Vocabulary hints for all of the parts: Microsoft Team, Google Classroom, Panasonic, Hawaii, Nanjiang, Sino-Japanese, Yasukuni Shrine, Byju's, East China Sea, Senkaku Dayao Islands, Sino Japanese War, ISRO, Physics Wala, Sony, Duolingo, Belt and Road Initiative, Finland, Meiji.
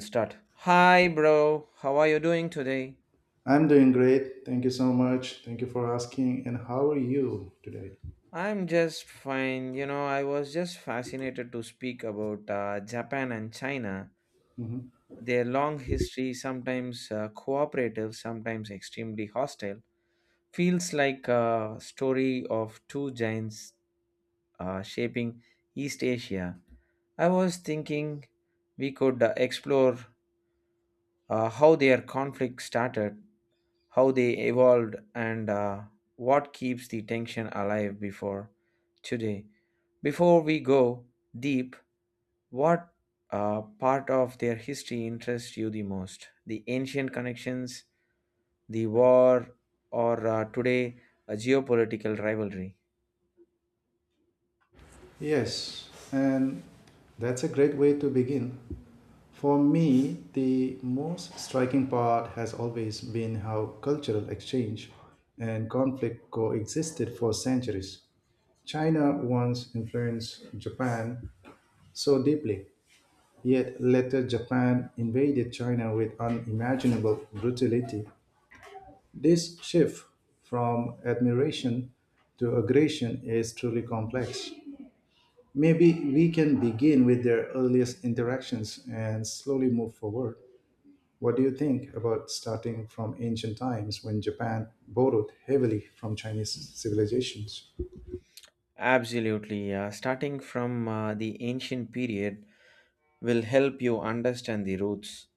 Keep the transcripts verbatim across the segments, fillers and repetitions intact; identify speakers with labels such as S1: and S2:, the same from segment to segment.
S1: Start. Hi, bro. How are you doing today?
S2: I'm doing great. Thank you so much. Thank you for asking. And how are you today?
S1: I'm just fine. You know, I was just fascinated to speak about uh, Japan and China.
S2: Mhm.
S1: Their long history, sometimes uh, cooperative, sometimes extremely hostile, feels like a story of two giants uh, shaping East Asia. I was thinking we could uh, explore uh, how their conflict started, how they evolved, and uh, what keeps the tension alive before today. Before we go deep, what uh, part of their history interests you the most? The ancient connections, the war, or uh, today a geopolitical rivalry?
S2: Yes, and that's a great way to begin. For me, the most striking part has always been how cultural exchange and conflict coexisted for centuries. China once influenced Japan so deeply, yet later Japan invaded China with unimaginable brutality. This shift from admiration to aggression is truly complex. Maybe we can begin with their earliest interactions and slowly move forward. What do you think about starting from ancient times when Japan borrowed heavily from Chinese civilizations?
S1: Absolutely. Uh, starting from uh, the ancient period, will help you understand the roots.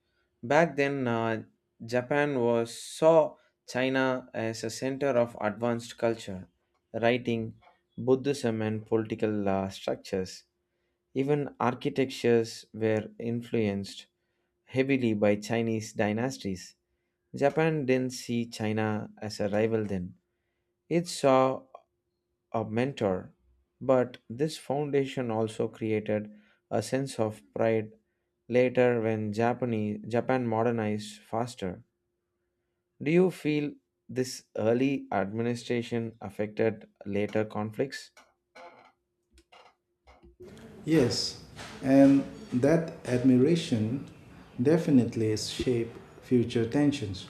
S1: Back then, uh, Japan was saw China as a center of advanced culture, writing, Buddhism, and political uh, structures. Even architectures were influenced heavily by Chinese dynasties. Japan didn't see China as a rival then. It saw a mentor, but this foundation also created a sense of pride later when Japanese, Japan modernized faster. Do you feel this early administration affected later conflicts?
S2: Yes, and that admiration definitely shaped future tensions.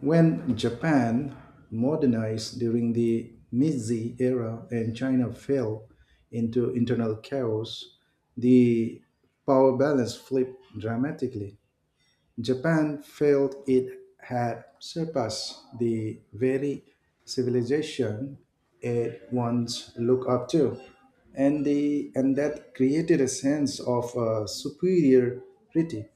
S2: When Japan modernized during the Meiji era and China fell into internal chaos, the power balance flipped dramatically. Japan felt it had surpassed the very civilization it once looked up to, and, the, and that created a sense of uh, superiority.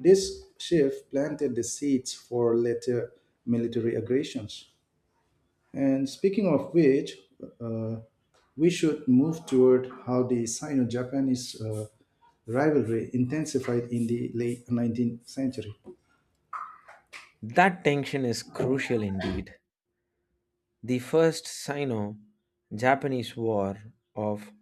S2: This shift planted the seeds for later military aggressions. And speaking of which, uh, we should move toward how the Sino Japanese uh, rivalry intensified in the late nineteenth century.
S1: That tension is crucial indeed. The first Sino Japanese War of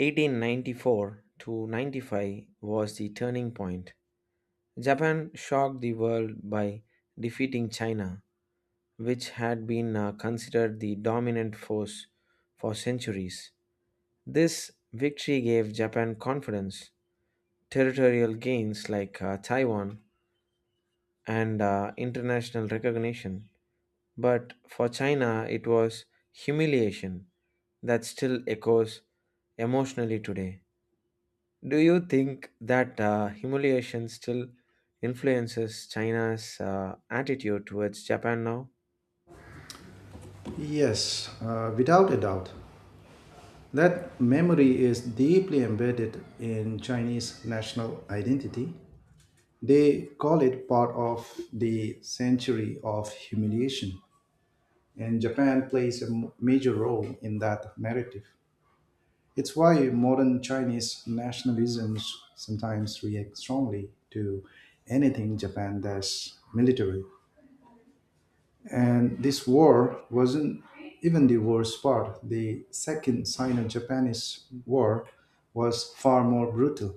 S1: eighteen ninety-four to ninety-five was the turning point. Japan shocked the world by defeating China, which had been uh, considered the dominant force for centuries. This victory gave Japan confidence, territorial gains like uh, Taiwan, and uh, international recognition. But for China, it was humiliation that still echoes emotionally today. Do you think that uh, humiliation still influences China's uh, attitude towards Japan now?
S2: Yes, uh, without a doubt. That memory is deeply embedded in Chinese national identity. They call it part of the century of humiliation, and Japan plays a m- major role in that narrative. It's why modern Chinese nationalisms sometimes react strongly to anything Japan does military. And this war wasn't even the worst part. The second Sino Japanese War was far more brutal.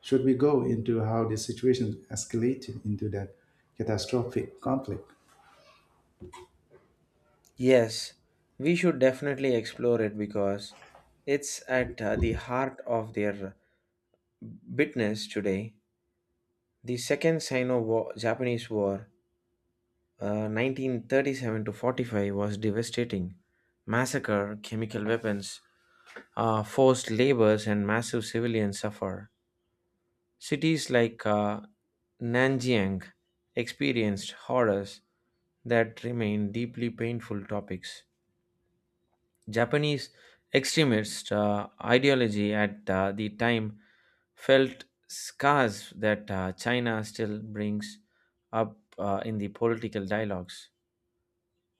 S2: Should we go into how the situation escalated into that catastrophic conflict?
S1: Yes, we should definitely explore it because it's at uh, the heart of their business today. The Second Sino Japanese War, uh, nineteen thirty-seven to forty-five, was devastating. Massacre, chemical weapons, uh, forced labors, and massive civilian suffer. Cities like uh, Nanjiang experienced horrors that remain deeply painful topics. Japanese extremist uh, ideology at uh, the time felt scars that uh, China still brings up uh, in the political dialogues.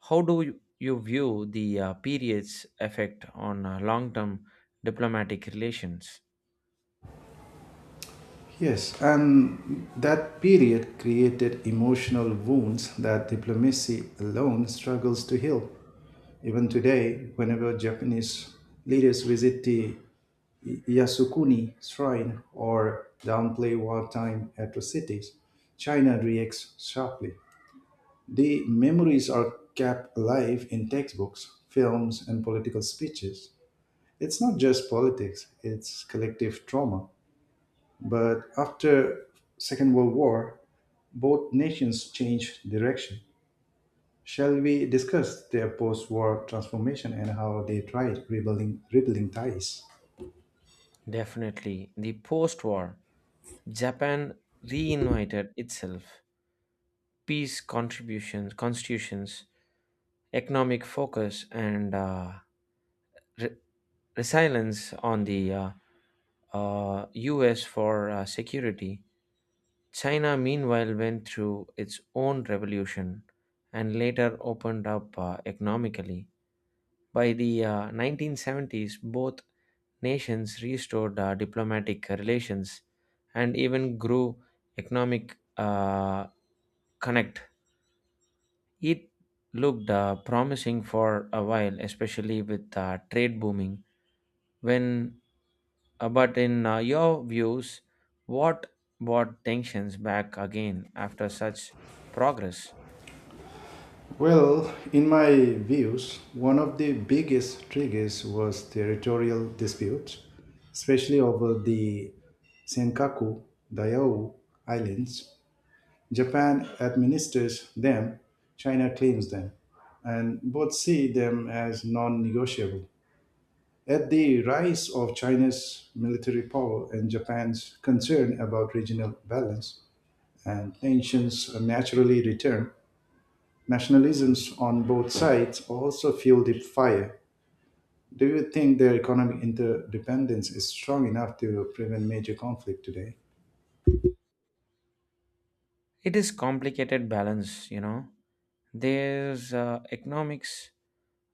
S1: How do you you view the uh, period's effect on uh, long term diplomatic relations?
S2: Yes, and that period created emotional wounds that diplomacy alone struggles to heal. Even today, whenever Japanese leaders visit the Yasukuni Shrine or downplay wartime atrocities, China reacts sharply. The memories are kept alive in textbooks, films, and political speeches. It's not just politics, it's collective trauma. But after Second World War, both nations changed direction. Shall we discuss their post-war transformation and how they tried rebuilding, rebuilding ties?
S1: Definitely. The post war, Japan reinvited itself. Peace contributions, constitutions, economic focus, and uh, re- resilience on the uh, uh, U S for uh, security, China meanwhile went through its own revolution and later opened up uh, economically. By the uh, nineteen seventies, both nations restored uh, diplomatic relations and even grew economic uh, connect. It looked uh, promising for a while, especially with uh, trade booming. When uh, but in uh, your views, what brought tensions back again after such progress?
S2: Well, in my views, one of the biggest triggers was territorial disputes, especially over the Senkaku Dayao Islands. Japan administers them, China claims them, and both see them as non negotiable. At the rise of China's military power and Japan's concern about regional balance, and tensions naturally return. Nationalisms on both sides also fuel the fire. Do you think their economic interdependence is strong enough to prevent major conflict today?
S1: It is complicated balance, you know. There's uh, economics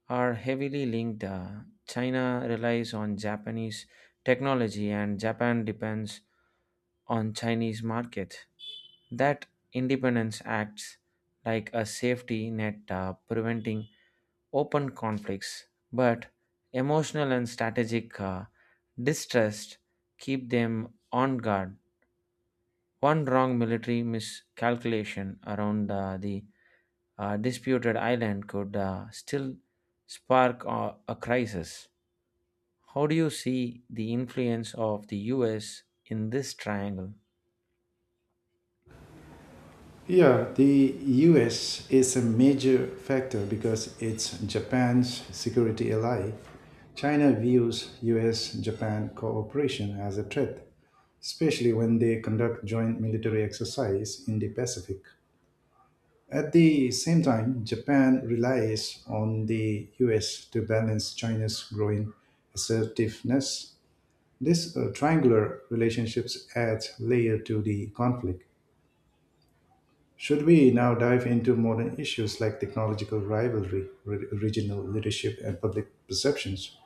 S1: are heavily linked. uh, China relies on Japanese technology, and Japan depends on Chinese market. That independence acts like a safety net, uh, preventing open conflicts, but emotional and strategic uh, distrust keep them on guard. One wrong military miscalculation around uh, the uh, disputed island could uh, still spark uh, a crisis. How do you see the influence of the U S in this triangle?
S2: Yeah, the U S is a major factor because it's Japan's security ally. China views U S Japan cooperation as a threat, especially when they conduct joint military exercise in the Pacific. At the same time, Japan relies on the U S to balance China's growing assertiveness. This uh, triangular relationships adds layer to the conflict. Should we now dive into modern issues like technological rivalry, re- regional leadership, and public perceptions?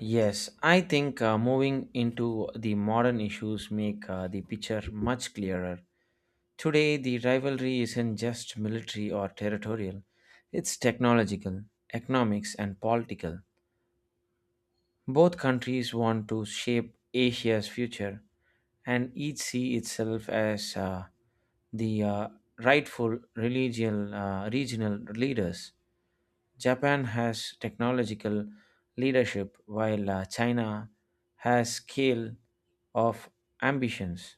S1: Yes, I think uh, moving into the modern issues make uh, the picture much clearer. Today, the rivalry isn't just military or territorial, it's technological, economics, and political. Both countries want to shape Asia's future, and each see itself as uh, the uh, rightful religion, uh, regional leaders. Japan has technological leadership, while uh, China has scale of ambitions.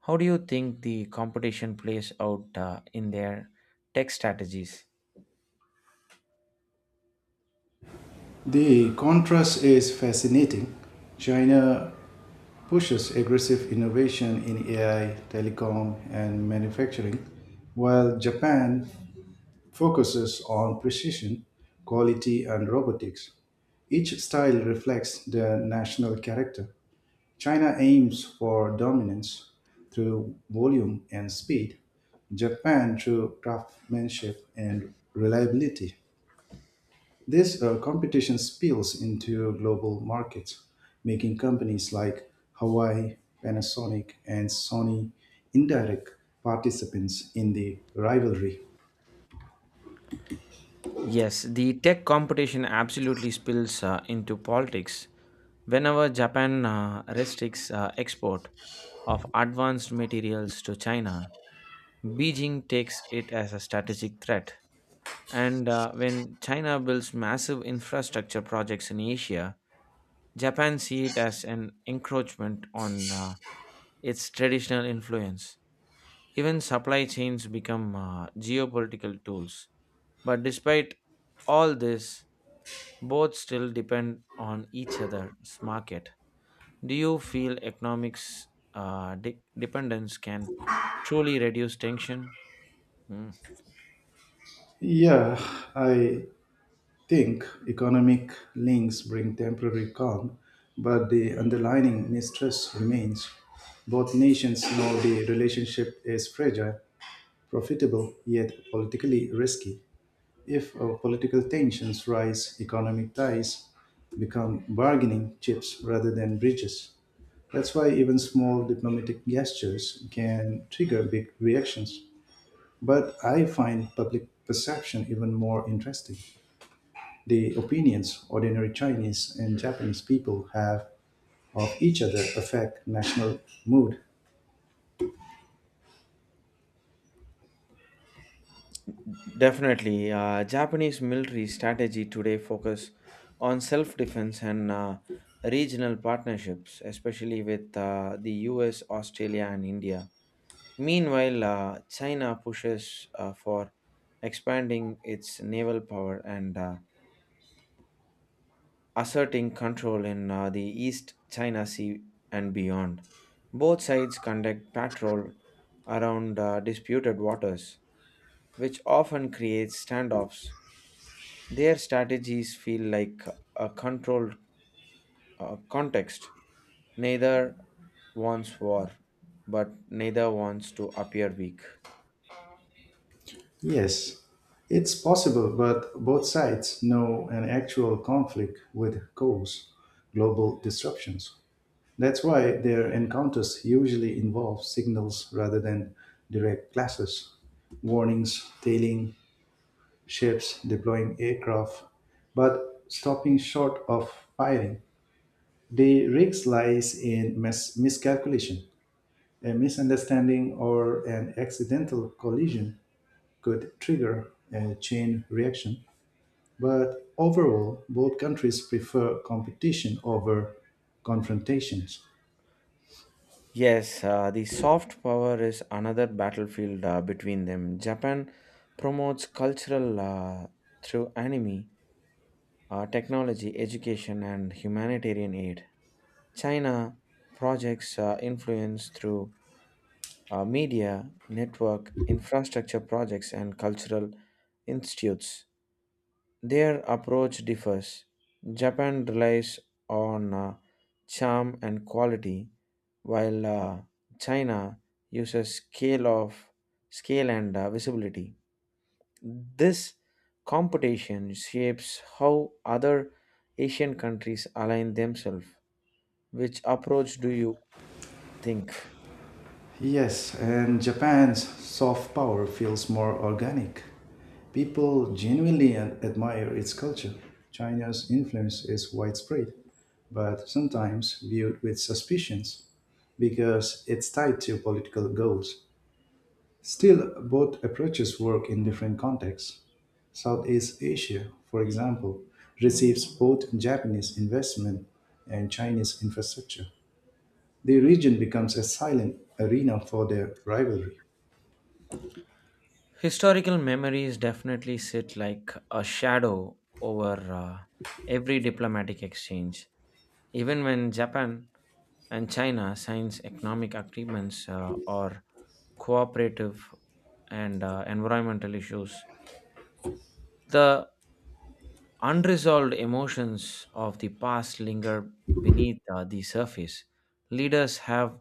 S1: How do you think the competition plays out uh, in their tech strategies?
S2: The contrast is fascinating. China pushes aggressive innovation in A I, telecom, and manufacturing, while Japan focuses on precision, quality, and robotics. Each style reflects their national character. China aims for dominance through volume and speed, Japan through craftsmanship and reliability. This uh, competition spills into global markets, making companies like Hawaii, Panasonic, and Sony indirect participants in the rivalry.
S1: Yes, the tech competition absolutely spills uh, into politics. Whenever Japan uh, restricts uh, export of advanced materials to China, Beijing takes it as a strategic threat. And uh, when China builds massive infrastructure projects in Asia, Japan sees it as an encroachment on uh, its traditional influence. Even supply chains become uh, geopolitical tools. But despite all this, both still depend on each other's market. Do you feel economics uh, de- dependence can truly reduce tension? Mm.
S2: Yeah, I think economic links bring temporary calm, but the underlying mistrust remains. Both nations know the relationship is fragile, profitable, yet politically risky. If uh, political tensions rise, economic ties become bargaining chips rather than bridges. That's why even small diplomatic gestures can trigger big reactions. But I find public perception even more interesting. The opinions ordinary Chinese and Japanese people have of each other affect national mood.
S1: Definitely. Uh, Japanese military strategy today focus on self-defense and uh, regional partnerships, especially with uh, the U S, Australia, and India. Meanwhile, uh, China pushes uh, for expanding its naval power and uh, asserting control in uh, the East China Sea and beyond. Both sides conduct patrol around uh, disputed waters, which often creates standoffs. Their strategies feel like a controlled uh, context. Neither wants war, but neither wants to appear weak.
S2: Yes, it's possible, but both sides know an actual conflict would cause global disruptions. That's why their encounters usually involve signals rather than direct clashes, warnings, tailing ships, deploying aircraft, but stopping short of firing. The risk lies in mis- miscalculation. A misunderstanding or an accidental collision could trigger a chain reaction, but overall, both countries prefer competition over confrontations.
S1: Yes, uh, the soft power is another battlefield uh, between them. Japan promotes cultural uh, through anime, uh, technology, education, and humanitarian aid. China projects uh, influence through uh, media, network, infrastructure projects, and cultural institutes. Their approach differs. Japan relies on uh, charm and quality, while uh, China uses scale of scale and uh, visibility. This competition shapes how other Asian countries align themselves. Which approach do you think?
S2: Yes, and Japan's soft power feels more organic. People genuinely ad- admire its culture. China's influence is widespread, but sometimes viewed with suspicion, because it's tied to political goals. Still, both approaches work in different contexts. Southeast Asia, for example, receives both Japanese investment and Chinese infrastructure. The region becomes a silent arena for their rivalry.
S1: Historical memories definitely sit like a shadow over uh, every diplomatic exchange. Even when Japan and China signs economic agreements uh, or cooperative and uh, environmental issues, the unresolved emotions of the past linger beneath uh, the surface. Leaders have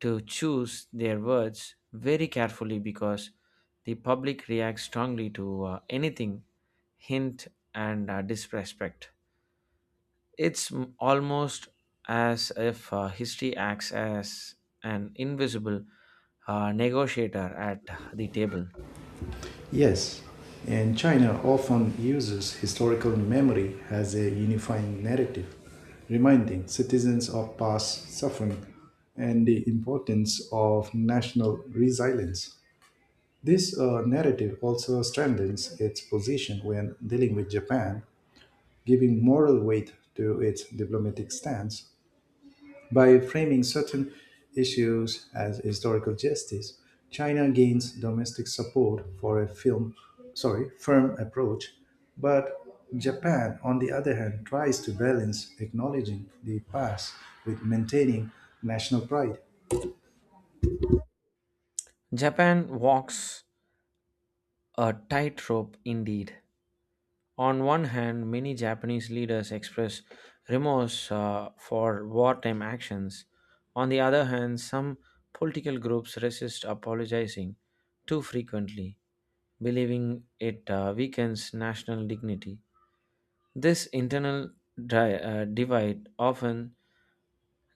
S1: to choose their words very carefully because the public reacts strongly to uh, anything, hint, and uh, disrespect. It's m- almost as if uh, history acts as an invisible uh, negotiator at the table.
S2: Yes, and China often uses historical memory as a unifying narrative, reminding citizens of past suffering and the importance of national resilience. This uh, narrative also strengthens its position when dealing with Japan, giving moral weight to its diplomatic stance. By framing certain issues as historical justice, China gains domestic support for a film, sorry, firm approach, but Japan, on the other hand, tries to balance acknowledging the past with maintaining national pride.
S1: Japan walks a tightrope indeed. On one hand, many Japanese leaders express remorse uh, for wartime actions. On the other hand, some political groups resist apologizing too frequently, believing it uh, weakens national dignity. This internal di- uh, divide often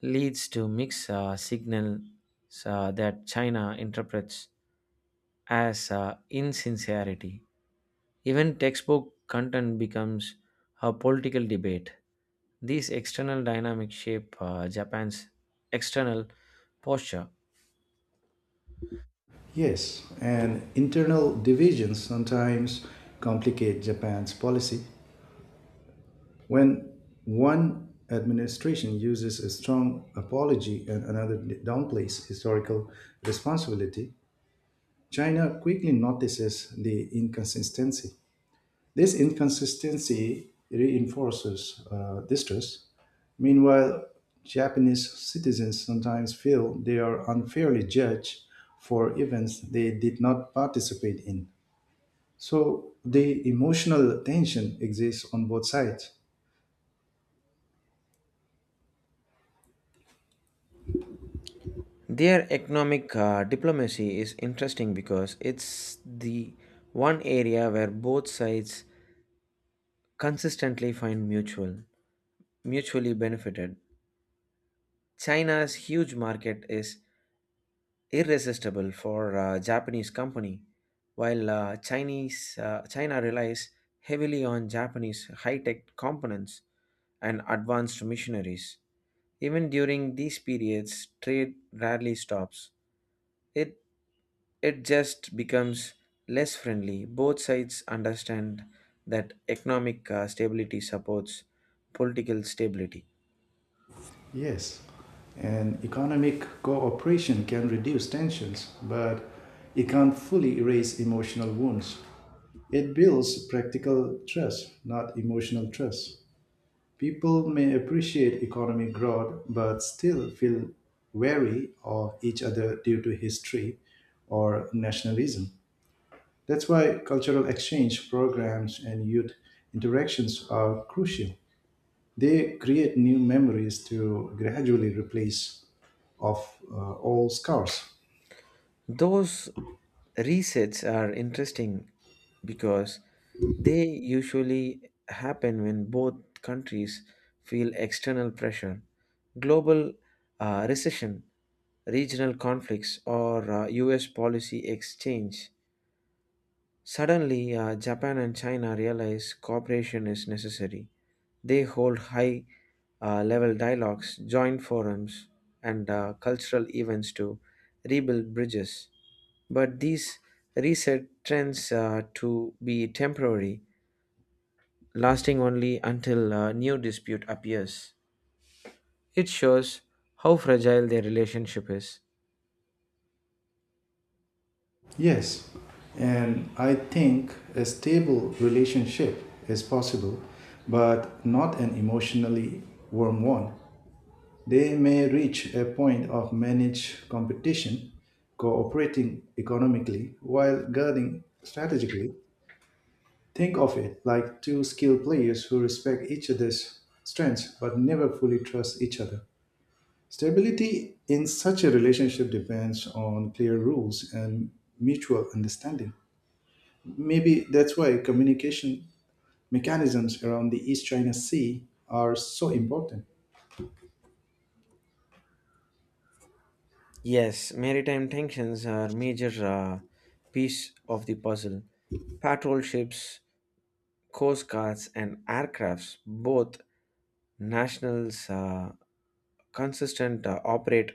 S1: leads to mixed uh, signals uh, that China interprets as uh, insincerity. Even textbook content becomes a political debate. These external dynamics shape uh, Japan's external posture.
S2: Yes, and internal divisions sometimes complicate Japan's policy. When one administration uses a strong apology and another downplays historical responsibility, China quickly notices the inconsistency. This inconsistency reinforces uh, distrust. Meanwhile, Japanese citizens sometimes feel they are unfairly judged for events they did not participate in. So the emotional tension exists on both sides.
S1: Their economic uh, diplomacy is interesting because it's the one area where both sides consistently find mutual, mutually benefited. China's huge market is irresistible for uh, Japanese company, while uh, Chinese uh, China relies heavily on Japanese high-tech components and advanced missionaries. Even during these periods, trade rarely stops. It, it just becomes less friendly. Both sides understand that economic uh, stability supports political stability.
S2: Yes, and economic cooperation can reduce tensions, but it can't fully erase emotional wounds. It builds practical trust, not emotional trust. People may appreciate economic growth, but still feel wary of each other due to history or nationalism. That's why cultural exchange programs and youth interactions are crucial. They create new memories to gradually replace of uh, all scars.
S1: Those resets are interesting because they usually happen when both countries feel external pressure. Global uh, recession, regional conflicts, or uh, U S policy exchange. Suddenly, uh, Japan and China realize cooperation is necessary. They hold high uh, level dialogues, joint forums, and uh, cultural events to rebuild bridges. But these reset trends uh, to be temporary, lasting only until a new dispute appears. It shows how fragile their relationship is.
S2: Yes, and I think a stable relationship is possible, but not an emotionally warm one. They may reach a point of managed competition, cooperating economically while guarding strategically. Think of it like two skilled players who respect each other's strengths but never fully trust each other. Stability in such a relationship depends on clear rules and mutual understanding. Maybe that's why communication mechanisms around the East China Sea are so important.
S1: Yes, maritime tensions are major uh, piece of the puzzle. Patrol ships, coast guards, and aircrafts, both nationals, uh, consistent uh, operate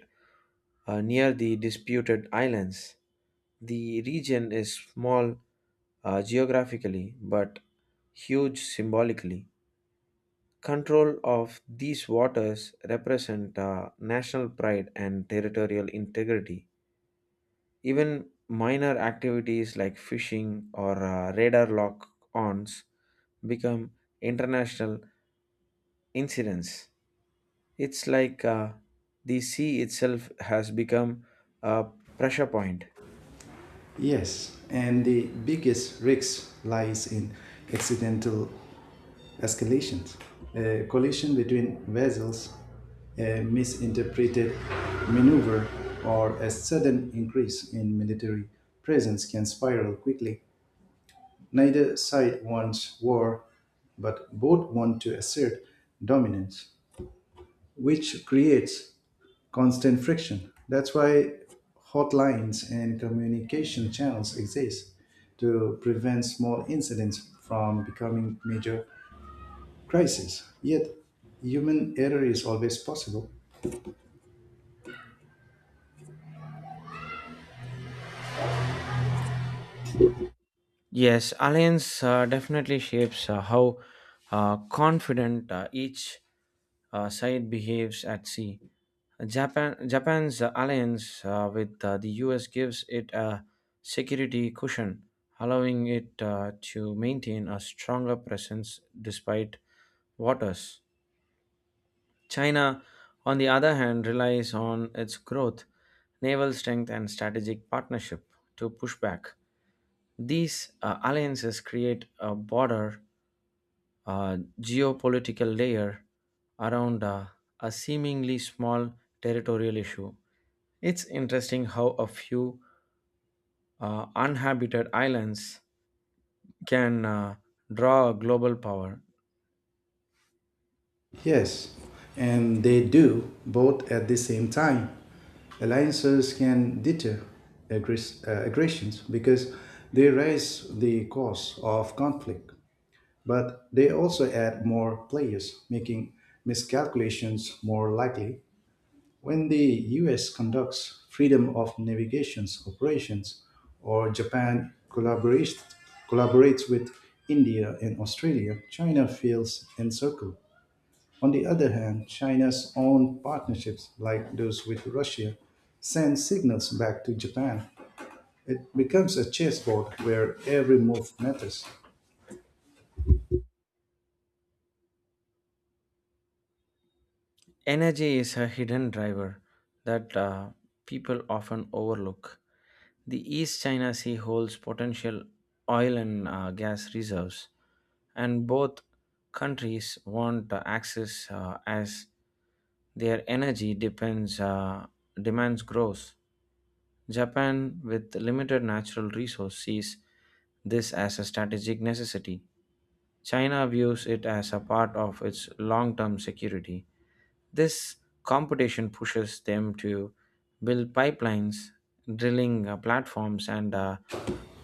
S1: uh, near the disputed islands. The region is small uh, geographically but huge symbolically. Control of these waters represent uh, national pride and territorial integrity. Even minor activities like fishing or uh, radar lock-ons become international incidents. It's like uh, the sea itself has become a pressure point.
S2: Yes, and the biggest risk lies in accidental escalations, a collision between vessels, a misinterpreted maneuver, or a sudden increase in military presence can spiral quickly. Neither side wants war, but both want to assert dominance, which creates constant friction. That's why hotlines and communication channels exist to prevent small incidents from becoming major crises. Yet, human error is always possible.
S1: Yes, alliance uh, definitely shapes uh, how uh, confident uh, each uh, side behaves at sea. Japan, Japan's uh, alliance uh, with uh, the U S gives it a security cushion, allowing it uh, to maintain a stronger presence despite waters. China, on the other hand, relies on its growth, naval strength, and strategic partnership to push back. These uh, alliances create a border, uh, geopolitical layer around uh, a seemingly small territorial issue. It's interesting how a few uh, uninhabited islands can uh, draw a global power.
S2: Yes, and they do both at the same time. Alliances can deter aggress- uh, aggressions because they raise the cost of conflict, but they also add more players, making miscalculations more likely. When the U S conducts freedom of navigations operations, or Japan collaborates, collaborates with India and Australia, China feels encircled. On the other hand, China's own partnerships, like those with Russia, send signals back to Japan. It becomes a chessboard where every move matters.
S1: Energy is a hidden driver that uh, people often overlook. The East China Sea holds potential oil and uh, gas reserves, and both countries want uh, access uh, as their energy depends uh, demands grows. Japan, with limited natural resource, sees this as a strategic necessity. China views it as a part of its long term security. This competition pushes them to build pipelines, drilling uh, platforms, and uh,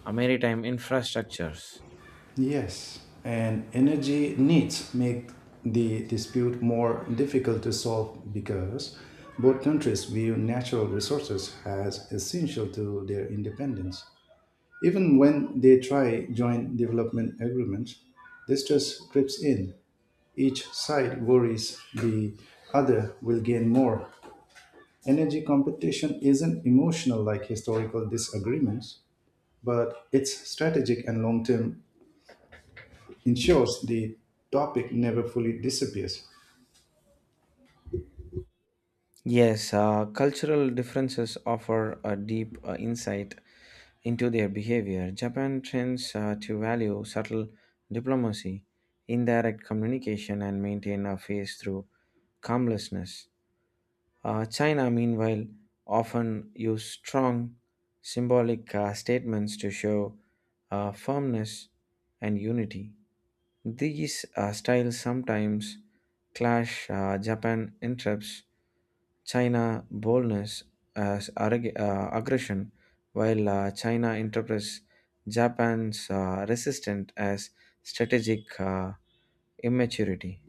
S1: uh, maritime infrastructures.
S2: Yes, and energy needs make the dispute more difficult to solve because both countries view natural resources as essential to their independence. Even when they try joint development agreements, distrust creeps in. Each side worries the other will gain more. Energy competition isn't emotional like historical disagreements, but it's strategic and long term, ensures the topic never fully disappears.
S1: Yes, uh, cultural differences offer a deep uh, insight into their behavior. Japan trends uh, to value subtle diplomacy, indirect communication, and maintain a face through calmlessness. Uh, China, meanwhile, often use strong symbolic uh, statements to show uh, firmness and unity. These uh, styles sometimes clash. Uh, Japan interrupts China boldness as arrog- uh, aggression, while uh, China interprets Japan's uh, resistance as strategic uh, immaturity.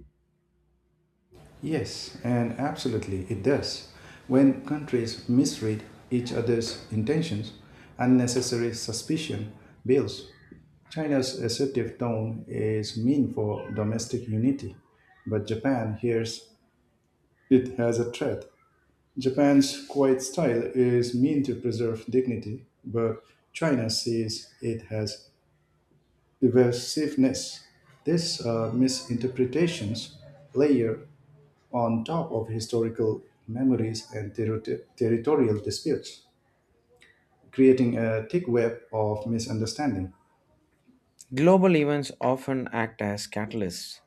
S2: Yes, and absolutely it does. When countries misread each other's intentions, unnecessary suspicion builds. China's assertive tone is mean for domestic unity, but Japan hears it has a threat. Japan's quiet style is meant to preserve dignity, but China sees it as evasiveness. These uh, misinterpretations layer on top of historical memories and terri- territorial disputes, creating a thick web of misunderstanding.
S1: Global events often act as catalysts.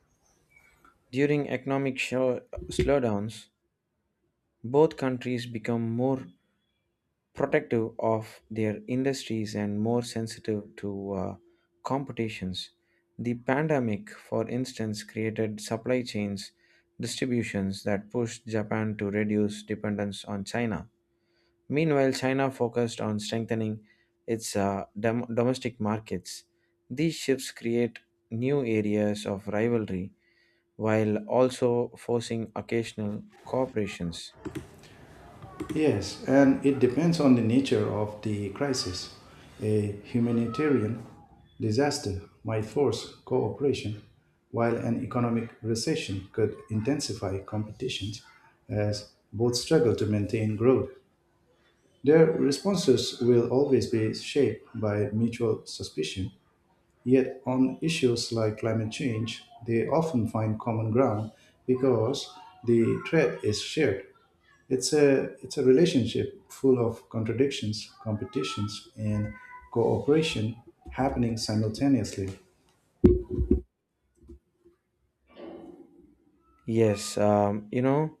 S1: During economic show- slowdowns, both countries become more protective of their industries and more sensitive to uh, competitions. The pandemic, for instance, created supply chains distributions that pushed Japan to reduce dependence on China. Meanwhile, China focused on strengthening its uh, dom- domestic markets. These shifts create new areas of rivalry while also forcing occasional cooperations.
S2: Yes, and it depends on the nature of the crisis. A humanitarian disaster might force cooperation, while an economic recession could intensify competitions as both struggle to maintain growth. Their responses will always be shaped by mutual suspicion. Yet, on issues like climate change, they often find common ground because the threat is shared. It's a, it's a relationship full of contradictions, competitions, and cooperation happening simultaneously.
S1: Yes, um, you know,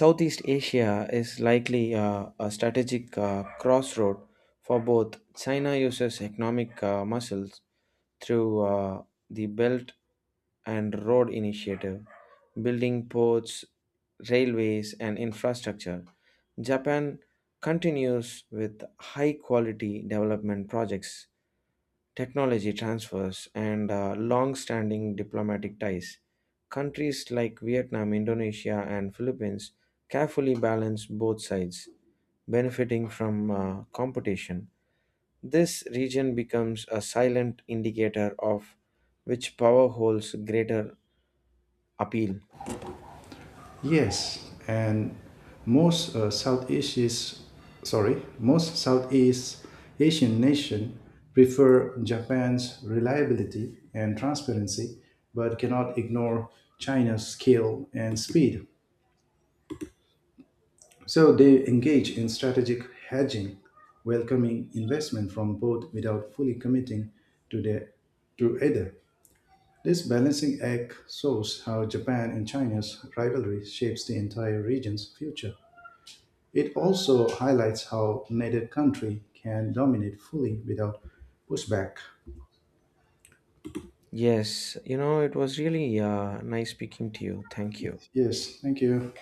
S1: Southeast Asia is likely uh, a strategic uh, crossroad for both. China uses economic uh, muscles through uh, the Belt and Road Initiative, building ports, railways, and infrastructure. Japan continues with high quality development projects, technology transfers, and uh, long standing diplomatic ties. Countries like Vietnam, Indonesia, and Philippines carefully balance both sides, benefiting from uh, competition. This region becomes a silent indicator of which power holds greater appeal.
S2: Yes, and most uh, Southeast is, sorry, most Southeast Asian nation prefer Japan's reliability and transparency, but cannot ignore China's scale and speed. So they engage in strategic hedging, welcoming investment from both without fully committing to their to either. This balancing act shows how Japan and China's rivalry shapes the entire region's future. It also highlights how neither country can dominate fully without pushback.
S1: Yes, you know, it was really uh, nice speaking to you. Thank you.
S2: Yes, thank you.